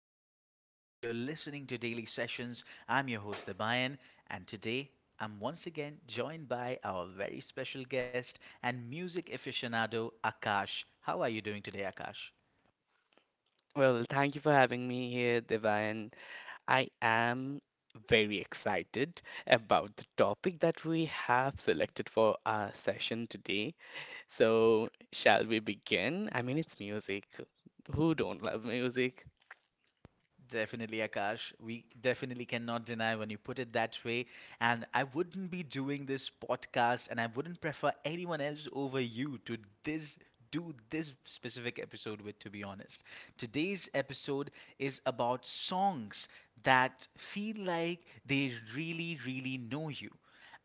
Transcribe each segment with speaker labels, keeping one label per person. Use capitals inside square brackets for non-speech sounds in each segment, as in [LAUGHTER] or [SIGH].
Speaker 1: Hello, everyone. You're listening to Daily Sessions. I'm your host, Debayan, and today I'm once again joined by our very special guest and music aficionado, Akash. How are you doing today, Akash?
Speaker 2: Well, thank you for having me here, Devayan. I am very excited about the topic that we have selected for our session today. So, shall we begin? I mean, it's music. Who don't love music?
Speaker 1: Definitely, Akash. We definitely cannot deny when you put it that way. And I wouldn't be doing this podcast and I wouldn't prefer anyone else over you to this do this specific episode with, to be honest. Today's episode is about songs that feel like they really, really know you.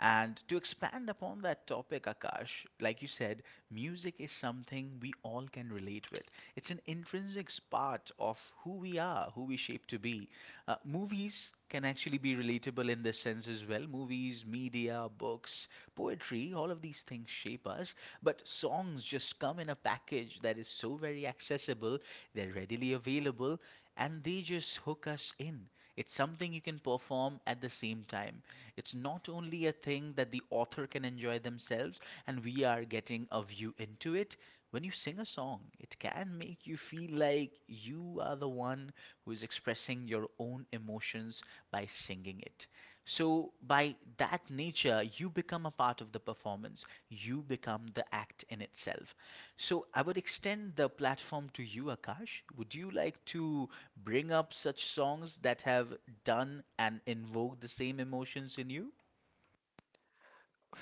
Speaker 1: And to expand upon that topic, Akash, like you said, music is something we all can relate with. It's an intrinsic part of who we are, who we shape to be. Movies can actually be relatable in this sense as well. Movies, media, books, poetry, all of these things shape us. But songs just come in a package that is so very accessible, they're readily available, and they just hook us in. It's something you can perform at the same time. It's not only a thing that the author can enjoy themselves and we are getting a view into it; when you sing a song, it can make you feel like you are the one who is expressing your own emotions by singing it. So, by that nature, you become a part of the performance, you become the act in itself. So, I would extend the platform to you, Akash. Would you like to bring up such songs that have done and invoked the same emotions in you?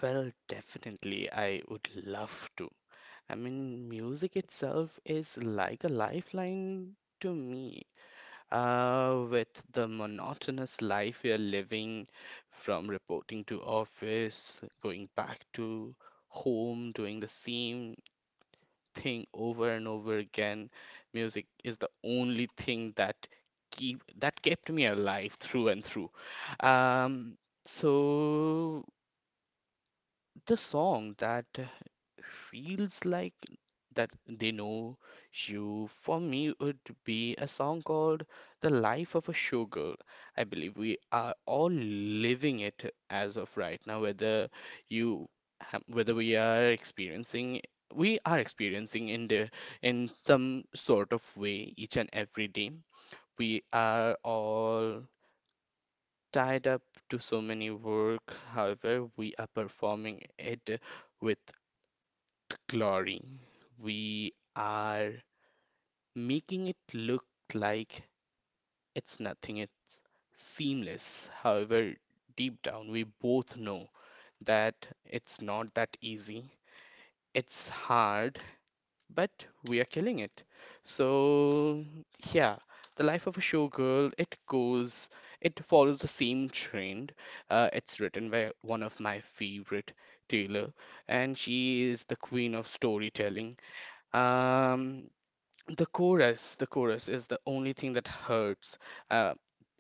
Speaker 2: Well, definitely, I would love to. I mean, music itself is like a lifeline to me. With the monotonous life we are living, from reporting to office, going back to home, doing the same thing over and over again, music is the only thing that keep that kept me alive through and through. Um, so the song that feels like that they know you for me would be a song called The Life of a Showgirl. I believe we are all living it as of right now, whether you whether we are experiencing in some sort of way each and every day. We are all tied up to so many work. However, we are performing it with glory. We are making it look like it's nothing, it's seamless. However, deep down, we both know that it's not that easy. It's hard, but we are killing it. So, yeah, the life of a showgirl, it goes, it follows the same trend. It's written by one of my favorite, Taylor, and she is the queen of storytelling. Um, the the chorus is the only thing that hurts. Uh,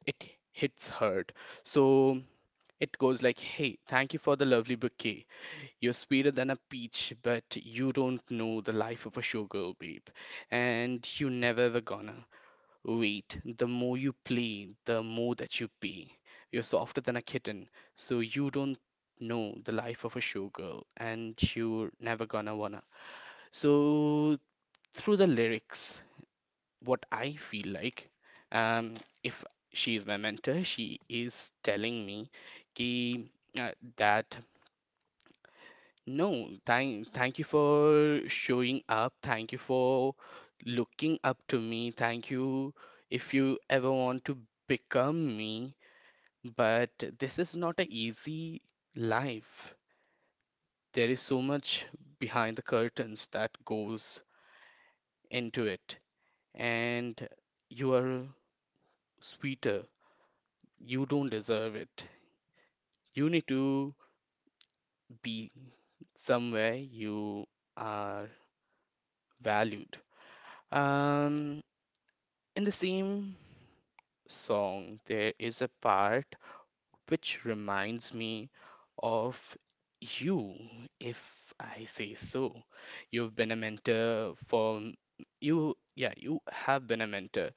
Speaker 2: it hits hard. So it goes like, "Hey, thank you for the lovely bouquet. You're sweeter than a peach, but you don't know the life of a showgirl, babe, and you never ever gonna. Wait, the more you play, the more that you pay. You're softer than a kitten, so you don't know the life of a showgirl, and you're never gonna wanna." So through the lyrics what I feel like. Um, if she is my mentor, she is telling me ki, uh, that no, thank you for showing up. Thank you for looking up to me. Thank you if you ever want to become me. But this is not an easy life. There is so much behind the curtains that goes into it. And you are sweeter. You don't deserve it. You need to be somewhere you are valued. Um, in the same song, there is a part which reminds me of you, if I say so. You've been a mentor yeah, you have been a mentor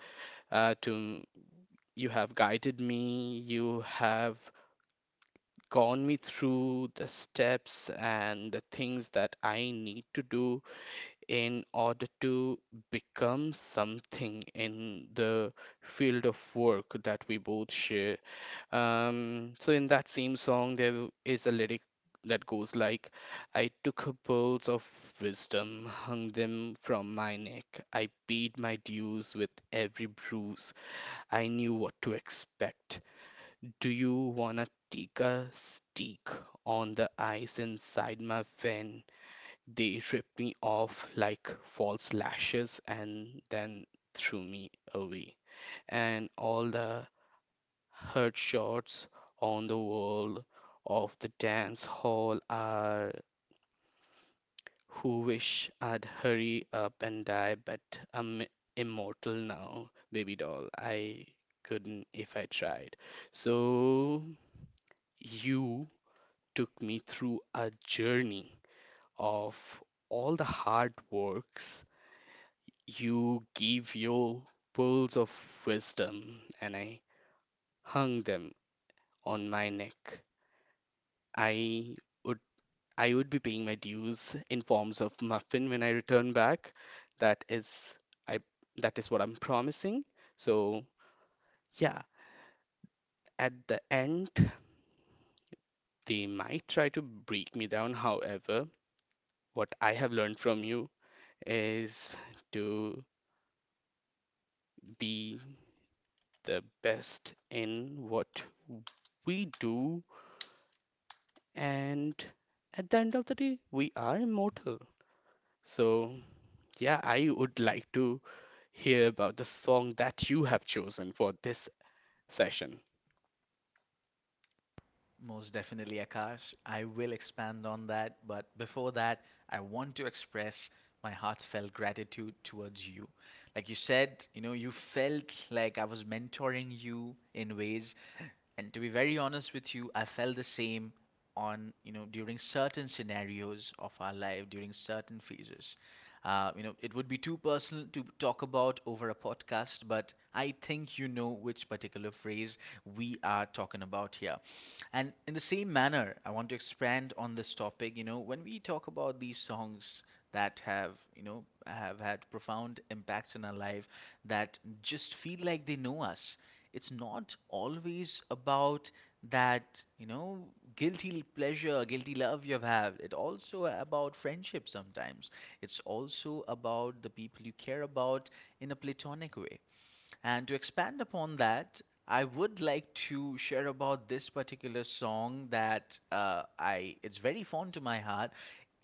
Speaker 2: to you have guided me, you have gone me through the steps and the things that I need to do in order to become something in the field of work that we both share. So in that same song, there is a lyric that goes like, I took pearls of wisdom, hung them from my neck. I paid my dues with every bruise. I knew what to expect. Do you wanna take a stick on the ice inside my van? They ripped me off like false lashes and then threw me away. And all the hurt shots on the wall of the dance hall are who wish I'd hurry up and die, but I'm immortal now, baby doll. I couldn't if I tried. So you took me through a journey of all the hard works you give your pearls of wisdom, and I hung them on my neck. I would I would be paying my dues in forms of muffin when I return back. That is I that is what I'm promising. So yeah, at the end they might try to break me down. However, what I have learned from you is to be the best in what we do and at the end of the day we are immortal, so yeah, I would like to hear about the song that you have chosen for this session.
Speaker 1: Most definitely, Akash. I will expand on that, but before that, I want to express my heartfelt gratitude towards you. Like you said, you know, you felt like I was mentoring you in ways, and to be very honest with you, I felt the same on, you know, during certain scenarios of our life, during certain phases. You know, it would be too personal to talk about over a podcast, but I think you know which particular phrase we are talking about here. And in the same manner, I want to expand on this topic. You know, when we talk about these songs that have, you know, have had profound impacts in our life that just feel like they know us, it's not always about that, you know, guilty pleasure, guilty love you've had. It also about friendship sometimes. It's also about the people you care about in a platonic way. And to expand upon that, I would like to share about this particular song that I it's very fond to my heart.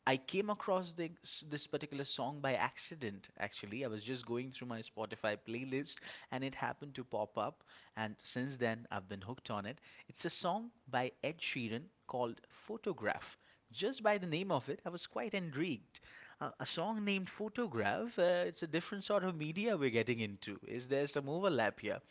Speaker 1: I came across this particular song by accident actually. I was just going through my Spotify playlist and it happened to pop up, and since then I've been hooked on it. It's a song by Ed Sheeran called Photograph. Just by the name of it, I was quite intrigued. A song named Photograph, it's a different sort of media we're getting into. Is there some overlap here?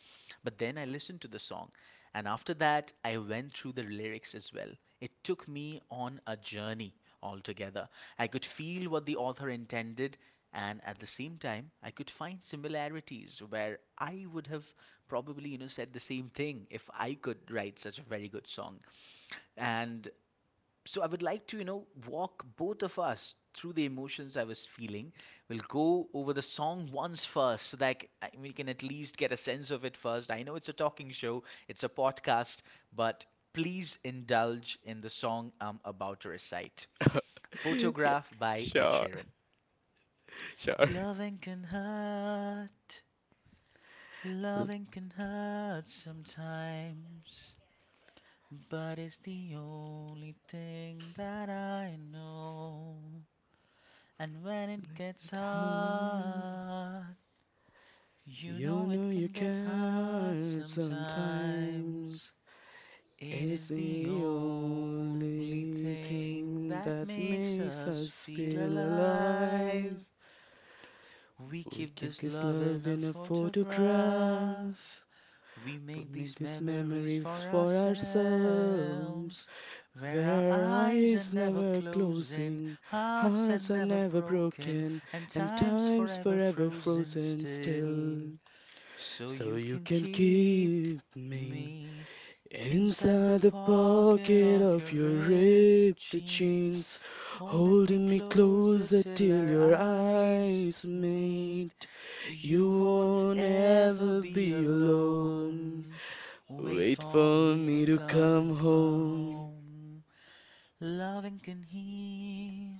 Speaker 1: But then I listened to the song, and after that, I went through the lyrics as well. It took me on a journey altogether. I could feel what the author intended, and at the same time, I could find similarities where I would have probably, you know, said the same thing if I could write such a very good song. And so I would like to, you know, walk both of us through the emotions I was feeling. We'll go over the song once first so that we can at least get a sense of it first. I know it's a talking show, it's a podcast, but please indulge in the song I'm about to recite.
Speaker 2: [LAUGHS] Yeah,
Speaker 1: Photograph by Ed
Speaker 2: sure,
Speaker 1: Sheeran.
Speaker 2: sure.
Speaker 1: Loving can hurt, loving can hurt sometimes, but it's the only thing that I know. And when it gets
Speaker 2: like
Speaker 1: hard, you
Speaker 2: you
Speaker 1: know
Speaker 2: know,
Speaker 1: it
Speaker 2: you
Speaker 1: can get
Speaker 2: can
Speaker 1: hard
Speaker 2: hurt sometimes.
Speaker 1: sometimes. It
Speaker 2: It's
Speaker 1: is the
Speaker 2: the
Speaker 1: only
Speaker 2: only
Speaker 1: thing that
Speaker 2: thing that
Speaker 1: makes
Speaker 2: makes
Speaker 1: us
Speaker 2: us
Speaker 1: feel
Speaker 2: feel alive.
Speaker 1: alive. We
Speaker 2: We
Speaker 1: keep
Speaker 2: keep
Speaker 1: this
Speaker 2: this
Speaker 1: love
Speaker 2: love
Speaker 1: in a
Speaker 2: in a photograph.
Speaker 1: photograph. We
Speaker 2: We
Speaker 1: make
Speaker 2: make
Speaker 1: these
Speaker 2: this
Speaker 1: memories
Speaker 2: memory
Speaker 1: for
Speaker 2: for ourselves,
Speaker 1: ourselves, where our
Speaker 2: where our
Speaker 1: eyes are
Speaker 2: eyes
Speaker 1: never
Speaker 2: never
Speaker 1: closing,
Speaker 2: closing,
Speaker 1: hearts are
Speaker 2: hearts are
Speaker 1: never
Speaker 2: never
Speaker 1: broken,
Speaker 2: broken,
Speaker 1: and
Speaker 2: and
Speaker 1: time's
Speaker 2: time's
Speaker 1: forever
Speaker 2: forever
Speaker 1: frozen
Speaker 2: frozen
Speaker 1: still.
Speaker 2: still.
Speaker 1: So
Speaker 2: So
Speaker 1: you
Speaker 2: you
Speaker 1: can
Speaker 2: can
Speaker 1: keep
Speaker 2: keep me
Speaker 1: me inside the
Speaker 2: inside the
Speaker 1: pocket
Speaker 2: pocket
Speaker 1: of your
Speaker 2: of your
Speaker 1: ripped
Speaker 2: ripped
Speaker 1: jeans,
Speaker 2: jeans,
Speaker 1: holding me
Speaker 2: holding me
Speaker 1: closer
Speaker 2: closer
Speaker 1: till our
Speaker 2: till your
Speaker 1: eyes
Speaker 2: eyes
Speaker 1: meet.
Speaker 2: meet.
Speaker 1: You
Speaker 2: You
Speaker 1: won't
Speaker 2: won't
Speaker 1: ever
Speaker 2: ever
Speaker 1: be
Speaker 2: be alone.
Speaker 1: alone. Wait
Speaker 2: Wait
Speaker 1: for
Speaker 2: for
Speaker 1: me to
Speaker 2: me to
Speaker 1: come
Speaker 2: come home.
Speaker 1: home. Loving can heal,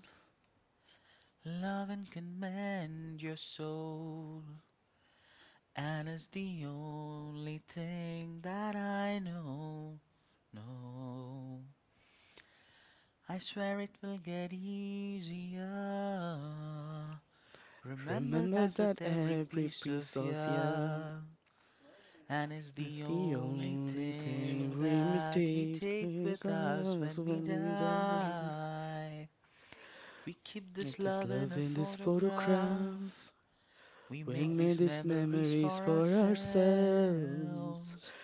Speaker 1: loving can mend your soul. And it's the only thing that I know. No. I swear it will get easier. Remember
Speaker 2: Remember
Speaker 1: that with
Speaker 2: that
Speaker 1: every
Speaker 2: every
Speaker 1: piece
Speaker 2: piece
Speaker 1: of
Speaker 2: of you
Speaker 1: ya. And it's
Speaker 2: is
Speaker 1: the
Speaker 2: the
Speaker 1: only
Speaker 2: only thing
Speaker 1: thing
Speaker 2: we may
Speaker 1: that we
Speaker 2: take.
Speaker 1: take
Speaker 2: Make
Speaker 1: with us
Speaker 2: us
Speaker 1: when we
Speaker 2: when we die.
Speaker 1: die. We keep this
Speaker 2: If there's
Speaker 1: love in
Speaker 2: love
Speaker 1: a
Speaker 2: in this photograph.
Speaker 1: photograph. We
Speaker 2: We
Speaker 1: make
Speaker 2: made
Speaker 1: these
Speaker 2: these
Speaker 1: memories
Speaker 2: memories
Speaker 1: for
Speaker 2: for ourselves,
Speaker 1: ourselves,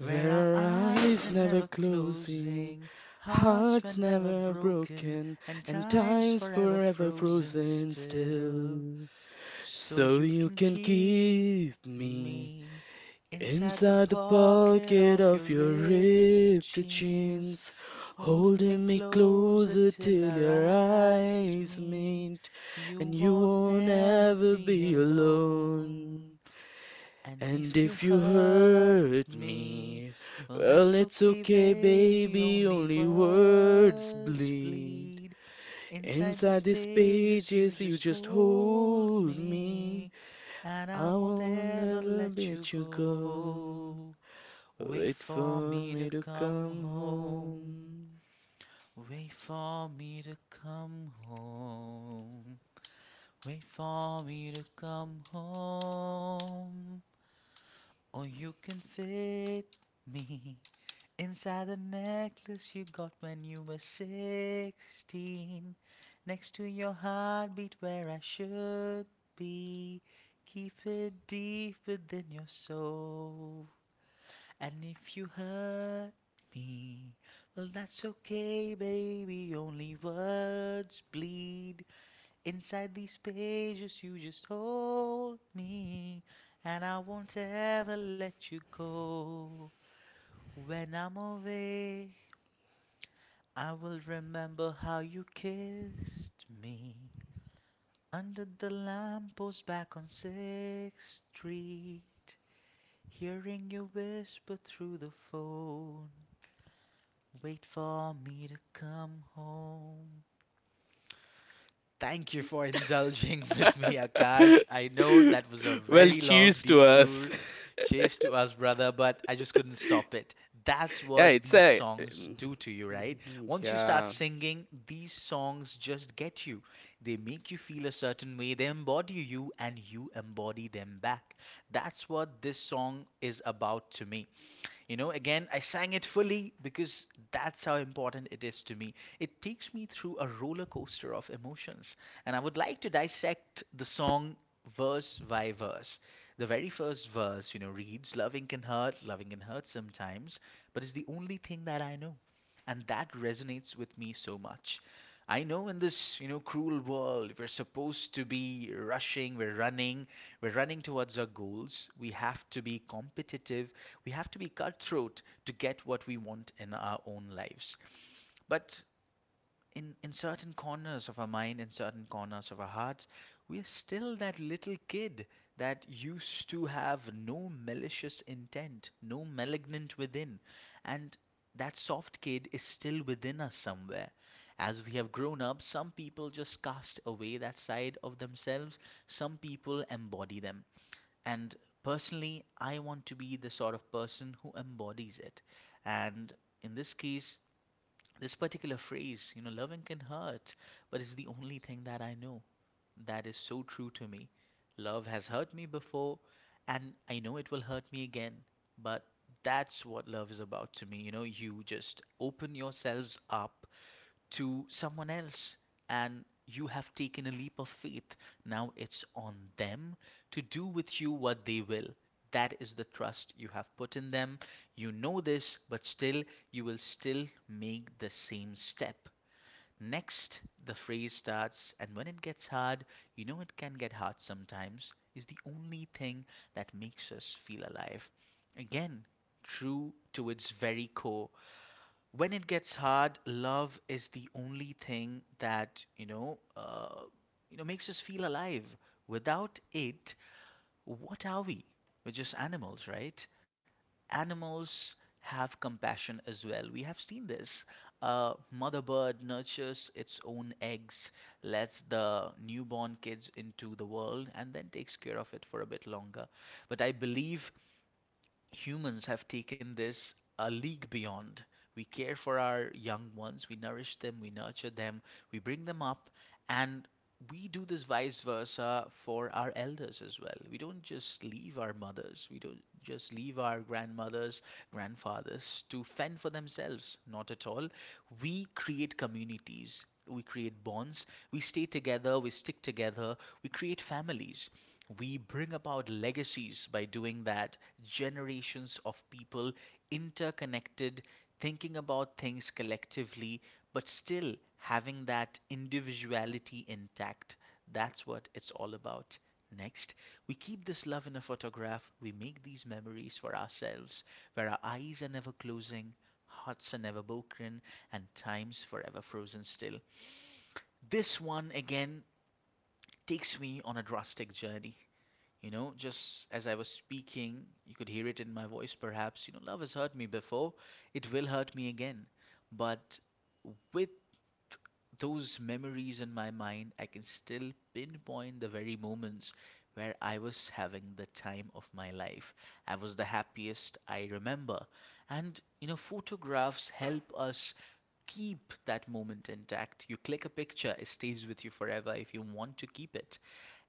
Speaker 1: where our
Speaker 2: our
Speaker 1: eyes are
Speaker 2: eyes never
Speaker 1: never
Speaker 2: closing,
Speaker 1: closing, hearts were
Speaker 2: hearts
Speaker 1: never
Speaker 2: never
Speaker 1: broken,
Speaker 2: broken,
Speaker 1: and
Speaker 2: and
Speaker 1: time's
Speaker 2: time's
Speaker 1: forever
Speaker 2: forever
Speaker 1: frozen
Speaker 2: frozen
Speaker 1: still.
Speaker 2: still.
Speaker 1: So
Speaker 2: So
Speaker 1: you
Speaker 2: you
Speaker 1: can
Speaker 2: can
Speaker 1: keep
Speaker 2: keep me
Speaker 1: me inside the
Speaker 2: inside the
Speaker 1: pocket
Speaker 2: pocket
Speaker 1: of your
Speaker 2: of your
Speaker 1: ripped
Speaker 2: ripped
Speaker 1: jeans,
Speaker 2: jeans,
Speaker 1: holding me
Speaker 2: holding me
Speaker 1: closer
Speaker 2: closer
Speaker 1: till
Speaker 2: till
Speaker 1: our
Speaker 2: your
Speaker 1: eyes
Speaker 2: eyes
Speaker 1: meet.
Speaker 2: meet, and
Speaker 1: You
Speaker 2: you
Speaker 1: won't
Speaker 2: won't
Speaker 1: ever
Speaker 2: ever
Speaker 1: be
Speaker 2: be
Speaker 1: alone.
Speaker 2: alone.
Speaker 1: And
Speaker 2: And
Speaker 1: if you
Speaker 2: if you
Speaker 1: hurt
Speaker 2: hurt
Speaker 1: me,
Speaker 2: me,
Speaker 1: well,
Speaker 2: well,
Speaker 1: that's
Speaker 2: it's
Speaker 1: okay,
Speaker 2: okay,
Speaker 1: baby.
Speaker 2: baby,
Speaker 1: Only
Speaker 2: only words
Speaker 1: words
Speaker 2: bleed.
Speaker 1: bleed. Inside
Speaker 2: Inside
Speaker 1: these
Speaker 2: these
Speaker 1: pages, you
Speaker 2: pages, you
Speaker 1: just
Speaker 2: just
Speaker 1: hold
Speaker 2: hold me.
Speaker 1: me, and I
Speaker 2: I
Speaker 1: won't
Speaker 2: won't
Speaker 1: ever
Speaker 2: ever
Speaker 1: let you
Speaker 2: let you go.
Speaker 1: go. Wait
Speaker 2: Wait
Speaker 1: for
Speaker 2: for
Speaker 1: me to
Speaker 2: me to
Speaker 1: come
Speaker 2: come
Speaker 1: home. Wait for me to come home. Wait for me to come home. Or you can fit me inside the necklace you got when you were 16, next to your heartbeat where I should be. Keep it deep within your soul. And if you hurt me, well, that's okay, baby. Only words bleed. Inside these pages you just hold me, and I won't ever let you go. When I'm away, I will remember how you kissed me under the lamppost back on Sixth Street, hearing you whisper through the phone, wait for me to come home. Thank you for indulging [LAUGHS] with me,
Speaker 2: home.
Speaker 1: Akash.
Speaker 2: [LAUGHS]
Speaker 1: I know that was a
Speaker 2: Well,
Speaker 1: very long
Speaker 2: cheers to us.
Speaker 1: detour.
Speaker 2: [LAUGHS]
Speaker 1: Chase to us, brother, but I just couldn't stop it. That's
Speaker 2: Yeah,
Speaker 1: what
Speaker 2: it's
Speaker 1: these
Speaker 2: a. [LAUGHS]
Speaker 1: songs do to you, right? Once you start
Speaker 2: Yeah.
Speaker 1: singing, these songs just get you. They make you feel a certain way, they embody you, and you embody them back. That's what this song is about to me. You know, again, I sang it fully because that's how important it is to me. It takes me through a roller coaster of emotions, and I would like to dissect the song verse by verse. The very first verse, you know, reads loving can hurt sometimes, but it's the only thing that I know, and that resonates with me so much. I know in this, you know, cruel world, we're supposed to be rushing, we're running towards our goals. We have to be competitive, we have to be cutthroat to get what we want in our own lives, but in certain corners of our mind, in certain corners of our hearts, we are still that little kid that used to have no malicious intent, no malignant within. And that soft kid is still within us somewhere. As we have grown up, some people just cast away that side of themselves, some people embody them. And personally, I want to be the sort of person who embodies it. And in this case, this particular phrase, you know, loving can hurt, but it's the only thing that I know, that is so true to me. Love has hurt me before, and I know it will hurt me again, but that's what love is about to me. You know, you just open yourselves up to someone else and you have taken a leap of faith. Now it's on them to do with you what they will. That is the trust you have put in them. You know this, but still, you will still make the same step. Next, the phrase starts, and when it gets hard, you know it can get hard sometimes, is the only thing that makes us feel alive. Again, true to its very core, when it gets hard, love is the only thing that you know, makes us feel alive. Without it, what are we? We're just animals, right? Animals have compassion as well. We have seen this. Mother bird nurtures its own eggs, lets the newborn kids into the world, and then takes care of it for a bit longer. But I believe humans have taken this a league beyond. We care for our young ones, we nourish them, we nurture them, we bring them up, and we do this vice versa for our elders as well. We don't just leave our mothers, we don't just leave our grandmothers, grandfathers to fend for themselves. Not at all. We create communities, we create bonds, we stay together, we stick together, we create families. We bring about legacies by doing that. Generations of people interconnected, thinking about things collectively, but still having that individuality intact. That's what it's all about. Next, we keep this love in a photograph. We make these memories for ourselves, where our eyes are never closing, hearts are never broken, and time's forever frozen still. This one again takes me on a drastic journey. You know, just as I was speaking, you could hear it in my voice perhaps. You know, love has hurt me before, it will hurt me again. But with those memories in my mind, I can still pinpoint the very moments where I was having the time of my life. I was the happiest I remember. And, you know, photographs help us keep that moment intact. You click a picture, it stays with you forever if you want to keep it.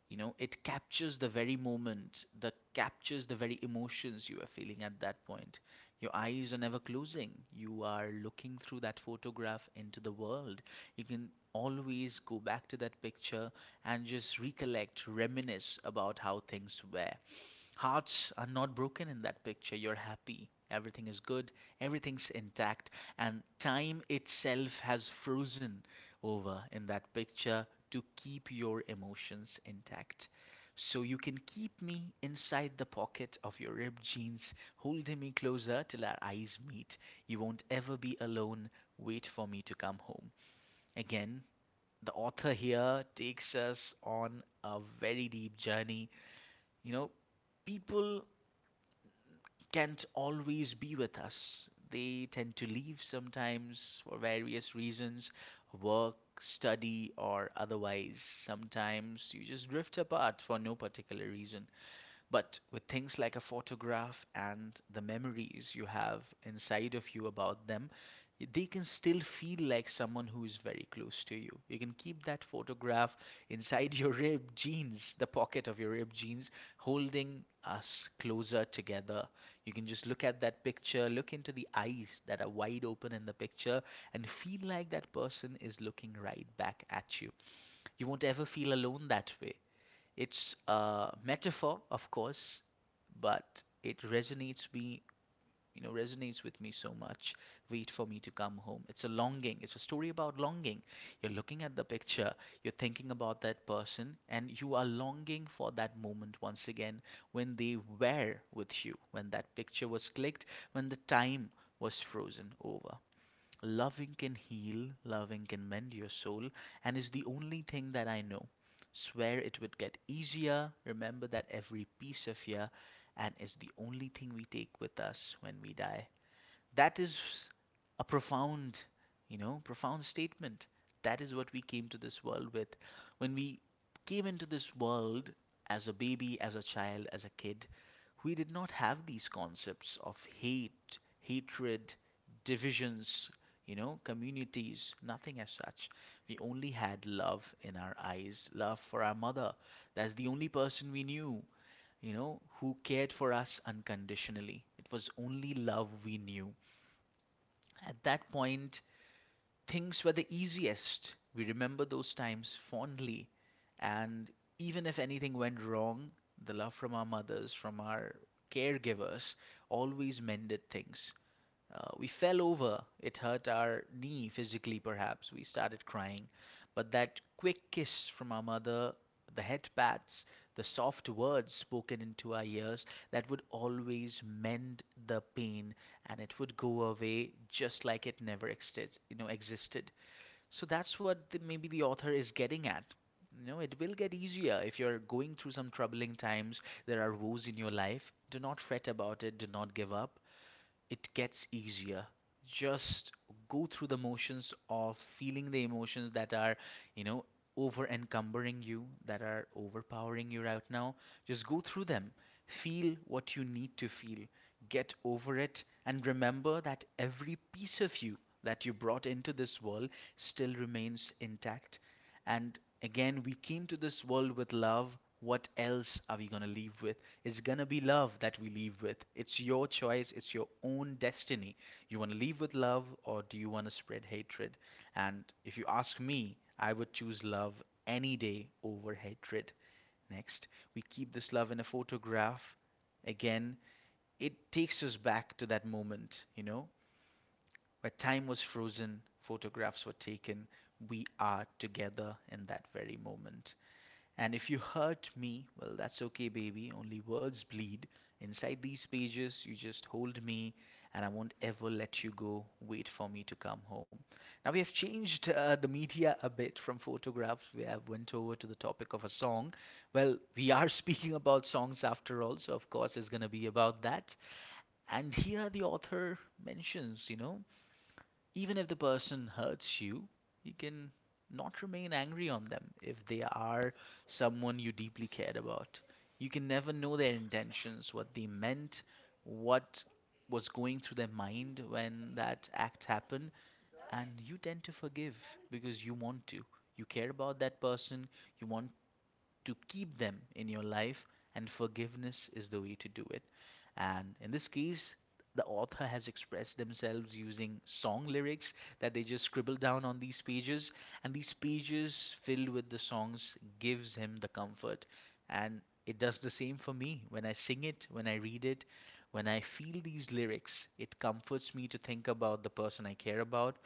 Speaker 1: You know, it captures the very moment, that captures the very emotions you are feeling at that point. Your eyes are never closing, you are looking through that photograph into the world. You can always go back to that picture and just recollect, reminisce about how things were. Hearts are not broken in that picture. You're happy. Everything is good. Everything's intact. And time itself has frozen over in that picture to keep your emotions intact. So you can keep me inside the pocket of your ripped jeans, holding me closer till our eyes meet. You won't ever be alone. Wait for me to come home. Again, the author here takes us on a very deep journey. You know, people can't always be with us. They tend to leave sometimes for various reasons: work, study, or otherwise. Sometimes you just drift apart for no particular reason. But with things like a photograph and the memories you have inside of you about them, they can still feel like someone who is very close to you. You can keep that photograph inside [LAUGHS] your ripped jeans, the pocket of your ripped jeans, holding us closer together. You can just look at that picture, look into the eyes that are wide open in the picture, and feel like that person is looking right back at you. You won't ever feel alone that way. It's a metaphor, of course, but it resonates me, you know, resonates with me so much. Wait for me to come home. It's a longing. It's a story about longing. You're looking at the picture, you're thinking about that person, and you are longing for that moment once again, when they were with you, when that picture was clicked, when the time was frozen over. Loving can heal, loving can mend your soul, and is the only thing that I know. Swear it would get easier. Remember that every piece of ya, and is the only thing we take with us when we die. That is a profound, you know, profound statement. That is what we came to this world with. When we came into this world as a baby, as a child, as a kid, we did not have these concepts of hate, hatred, divisions, you know, communities, nothing as such. We only had love in our eyes, love for our mother. That's the only person we knew, you know, who cared for us unconditionally. It was only love we knew. At that point, things were the easiest. We remember those times fondly. And even if anything went wrong, the love from our mothers, from our caregivers, always mended things. We fell over, it hurt our knee physically, perhaps. We started crying. But that quick kiss from our mother, the head pats, the soft words spoken into our ears, that would always mend the pain, and it would go away just like it never existed. So that's what maybe the author is getting at. No, it will get easier. If you're going through some troubling times, there are woes in your life, do not fret about it, do not give up. It gets easier. Just go through the motions of feeling the emotions that are, you know, over encumbering you, that are overpowering you right now. Just go through them. Feel what you need to feel. Get over it and remember that every piece of you that you brought into this world still remains intact. And again, we came to this world with love. What else are we going to leave with? It's going to be love that we leave with. It's your choice, it's your own destiny. You want to leave with love or do you want to spread hatred? And if you ask me, I would choose love any day over hatred. Next, we keep this love in a photograph. Again, it takes us back to that moment, you know, where time was frozen, photographs were taken, we are together in that very moment. And if you hurt me, well, that's okay, baby. Only words bleed. Inside these pages, you just hold me and I won't ever let you go. Wait for me to come home. Now, we have changed the media a bit from photographs. We have went over to the topic of a song. Well, we are [LAUGHS] speaking about songs after all, so of course, it's going to be about that. And here the author mentions, you know, even if the person hurts you, you can not remain angry on them if they are someone you deeply cared about. You can never know their intentions, what they meant, what was going through their mind when that act happened, and you tend to forgive because you want to. You care about that person, you want to keep them in your life, and forgiveness is the way to do it. And in this case, the author has expressed themselves using song lyrics that they just scribble down on these pages, and these pages filled with the songs gives him the comfort. And it does the same for me when I sing it, when I read it, when I feel these lyrics, it comforts me to think about the person I care about,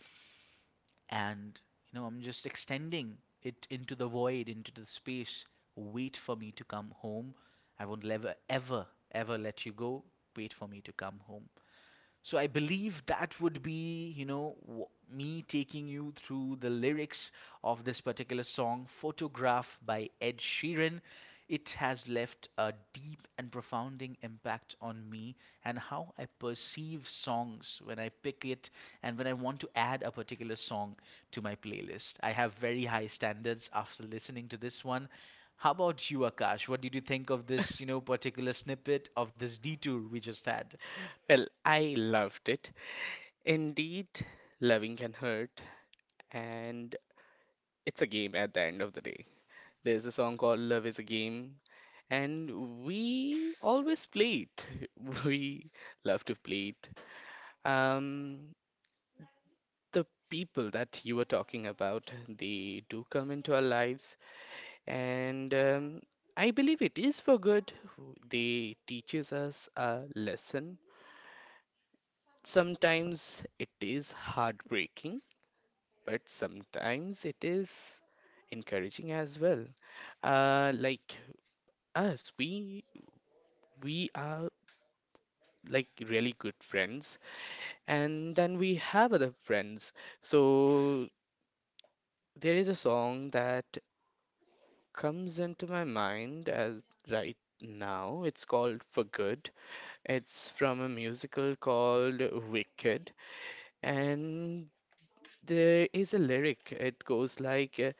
Speaker 1: and, you know, I'm just extending it into the void, into the space. Wait for me to come home. I won't ever, ever, ever let you go. Wait for me to come home. So I believe that would be, you know, me taking you through the lyrics of this particular song, Photograph by Ed Sheeran. It has left a deep and profounding impact on me and how I perceive songs when I pick it and when I want to add a particular song to my playlist. I have very high standards after listening to this one. How about you, Akash? What did you think of this, you know, particular snippet of this detour we just had?
Speaker 2: Well, I loved it. Indeed, loving can hurt, and it's a game at the end of the day. There's a song called Love is a Game, and we always play it. [LAUGHS] We love to play it. Um, the people that you were talking about, they do come into our lives, and I believe it is for good. They teaches us a lesson. Sometimes it is heartbreaking, but sometimes it is encouraging as well. Like us, we are like really good friends, and then we have other friends. So there is a song that comes into my mind as right now. It's called For Good. It's from a musical called Wicked, and there is a lyric. It goes like,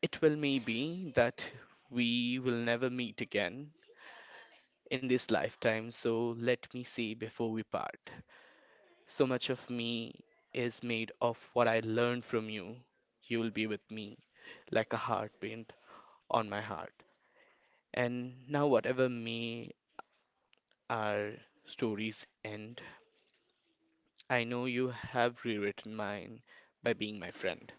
Speaker 2: it will may be that we will never meet again in this lifetime, so let me say before we part. So much of me is made of what I learned from you. You will be with me like a heartprint on my heart. And now, whatever may our stories end, I know you have rewritten mine by being my friend.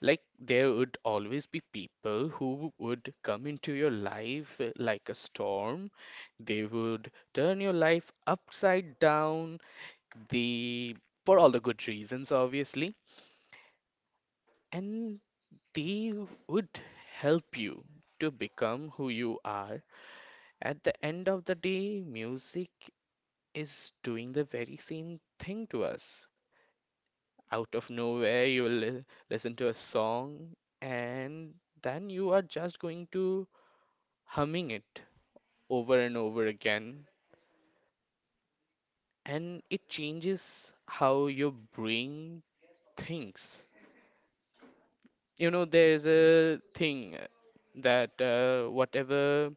Speaker 2: Like, there would always be people who would come into your life like a storm. They would turn your life upside down, the for all the good reasons, obviously. And they would help you to become who you are. At the end of the day, music is doing the very same thing to us. Out of nowhere, you will listen to a song and then you are just going to humming it over and over again. And it changes how your brain thinks. You know, there is a thing that whatever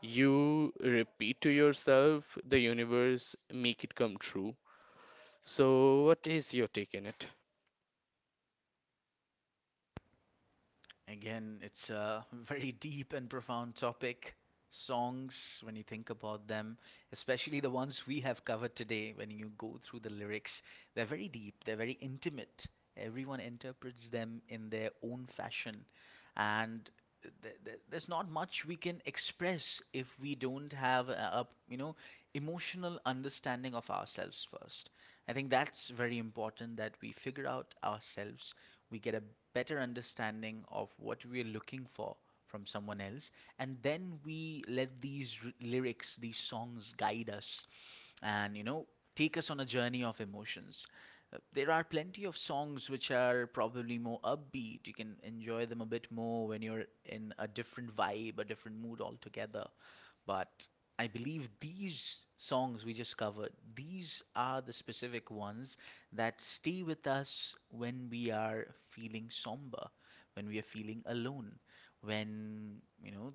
Speaker 2: you repeat to yourself, the universe make it come true. So, what is your take in it?
Speaker 1: Again, it's a [LAUGHS] very deep and profound topic. Songs, when you think about them, especially the ones we have covered today, when you go through the lyrics, they're very deep, they're very intimate. Everyone interprets them in their own fashion. And there's not much we can express if we don't have a you know emotional understanding of ourselves first. I think that's very important that we figure out ourselves, we get a better understanding of what we're looking for from someone else, and then we let these r- lyrics these songs guide us and, you know, take us on a journey of emotions. There are plenty of songs which are probably more upbeat, you can enjoy them a bit more when you're in a different vibe, a different mood altogether, but I believe these songs we just covered, these are the specific ones that stay with us when we are feeling somber, when we are feeling alone, when, you know,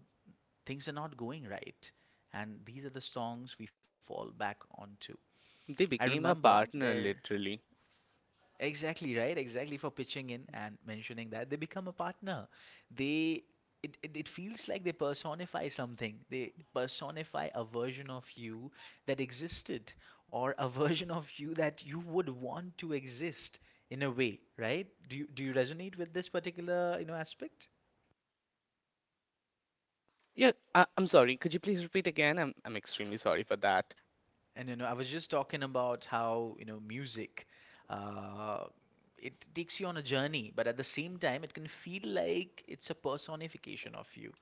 Speaker 1: things are not going right. And these are the songs we fall back onto. I
Speaker 2: They became a
Speaker 1: remember
Speaker 2: partner,
Speaker 1: there.
Speaker 2: literally.
Speaker 1: Exactly right. Exactly, for pitching in and mentioning that they become a partner. They, it feels like they personify something. They personify a version of you that existed or a [LAUGHS] version of you that you would want to exist in a way, right? Do you resonate with this particular, you know, aspect?
Speaker 2: Yeah, I'm sorry. Could you please repeat again? I'm extremely sorry for that.
Speaker 1: And you know, I was just talking about how, you know, music uh, it takes you on a journey, but at the same time, it can feel like it's a personification of you.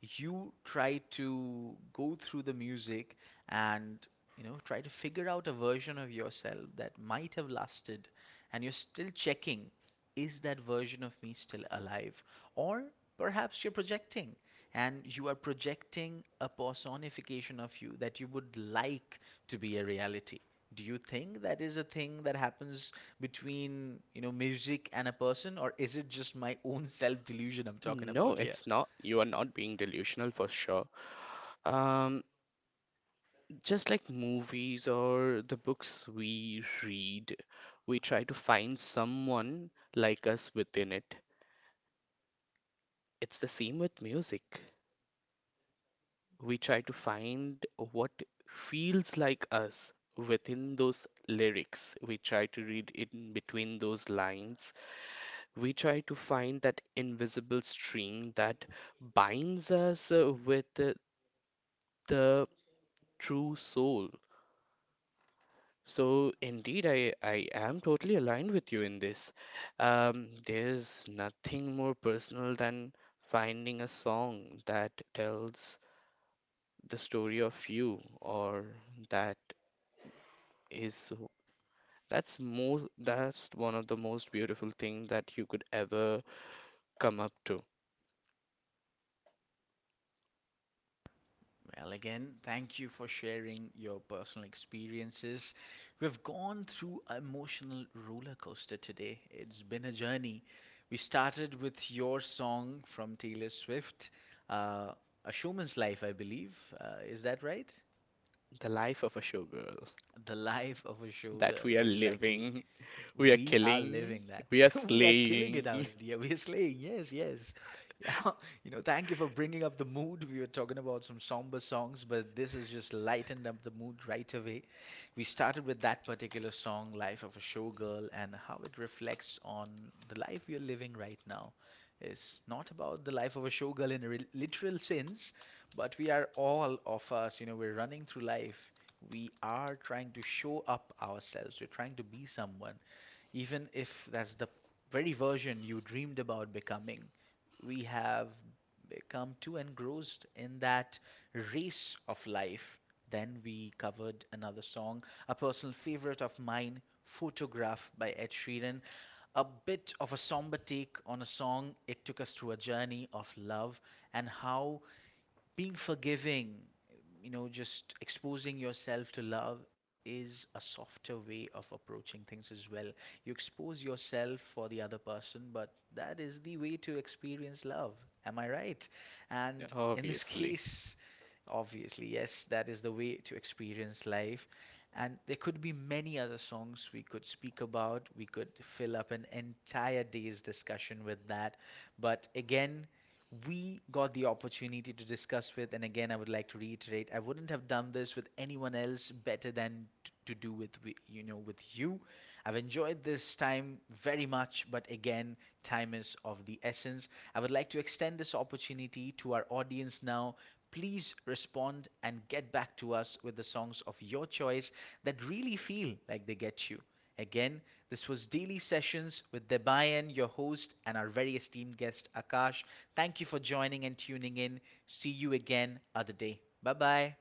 Speaker 1: You try to go through the music and, you know, try to figure out a version of yourself that might have lasted, and you're still checking, is that version of me still alive? Or perhaps you're projecting, and you are projecting a personification of you that you would like to be a reality. Do you think that is a thing that happens between, you know, music and a person, or is it just my own self delusion I'm talking
Speaker 2: No,
Speaker 1: about here?
Speaker 2: it's not. You are not being delusional for sure. Um, just like movies or the books we read, we try to find someone like us within it. It's the same with music. We try to find what feels like us within those lyrics. We try to read in between those lines. We try to find that invisible string that binds us with the true soul. So, indeed, I am totally aligned with you in this. There's nothing more personal than finding a song that tells the story of you or that is so that's one of the most beautiful thing that you could ever come up to.
Speaker 1: Well, again, thank you for sharing your personal experiences. We've gone through an emotional roller coaster today. It's been a journey. We started with your song from Taylor Swift, uh, A Showman's Life, I believe. Is that right?
Speaker 2: The life of a showgirl
Speaker 1: The Life of a
Speaker 2: that
Speaker 1: Showgirl,
Speaker 2: we are
Speaker 1: exactly.
Speaker 2: living, [LAUGHS] we are
Speaker 1: We are
Speaker 2: killing,
Speaker 1: living that.
Speaker 2: we are
Speaker 1: [LAUGHS] We are killing it
Speaker 2: slaying,
Speaker 1: out here. We are slaying. Yes, yes. Yeah. [LAUGHS] You know, thank you for bringing up the mood. We were talking about some somber songs, but this has just lightened up the mood right away. We started with that particular song, Life of a Showgirl, and how it reflects on the life we are living right now. It's not about the life of a showgirl in a literal sense, but we are all of us, you know, we're running through life, we are trying to show up ourselves, we're trying to be someone, even if that's the very version you dreamed about becoming, we have become too engrossed in that race of life. Then we covered another song, a personal favorite of mine, Photograph by Ed Sheeran. A bit of a somber take on a song, it took us through a journey of love and how being forgiving, you know, just exposing yourself to love is a softer way of approaching things as well. You expose yourself for the other person, but that is the way to experience love. Am I right?
Speaker 2: [LAUGHS]
Speaker 1: And in this [LAUGHS]
Speaker 2: obviously.
Speaker 1: case, obviously, yes, that is the way to experience life. And there could be many other songs we could speak about. We could fill up an entire day's discussion with that. But again, we got the opportunity to discuss with, and again, I would like to reiterate, I wouldn't have done this with anyone else better than to do with, you know, with you. I've enjoyed this time very much, but again, time is of the essence. I would like to extend this opportunity to our audience now. Please respond and get back to us with the songs of your choice that really feel like they get you. Again, this was Daily Sessions with Debayan, your host, and our very esteemed guest, Akash. Thank you for joining and tuning in. See you again other day. Bye bye.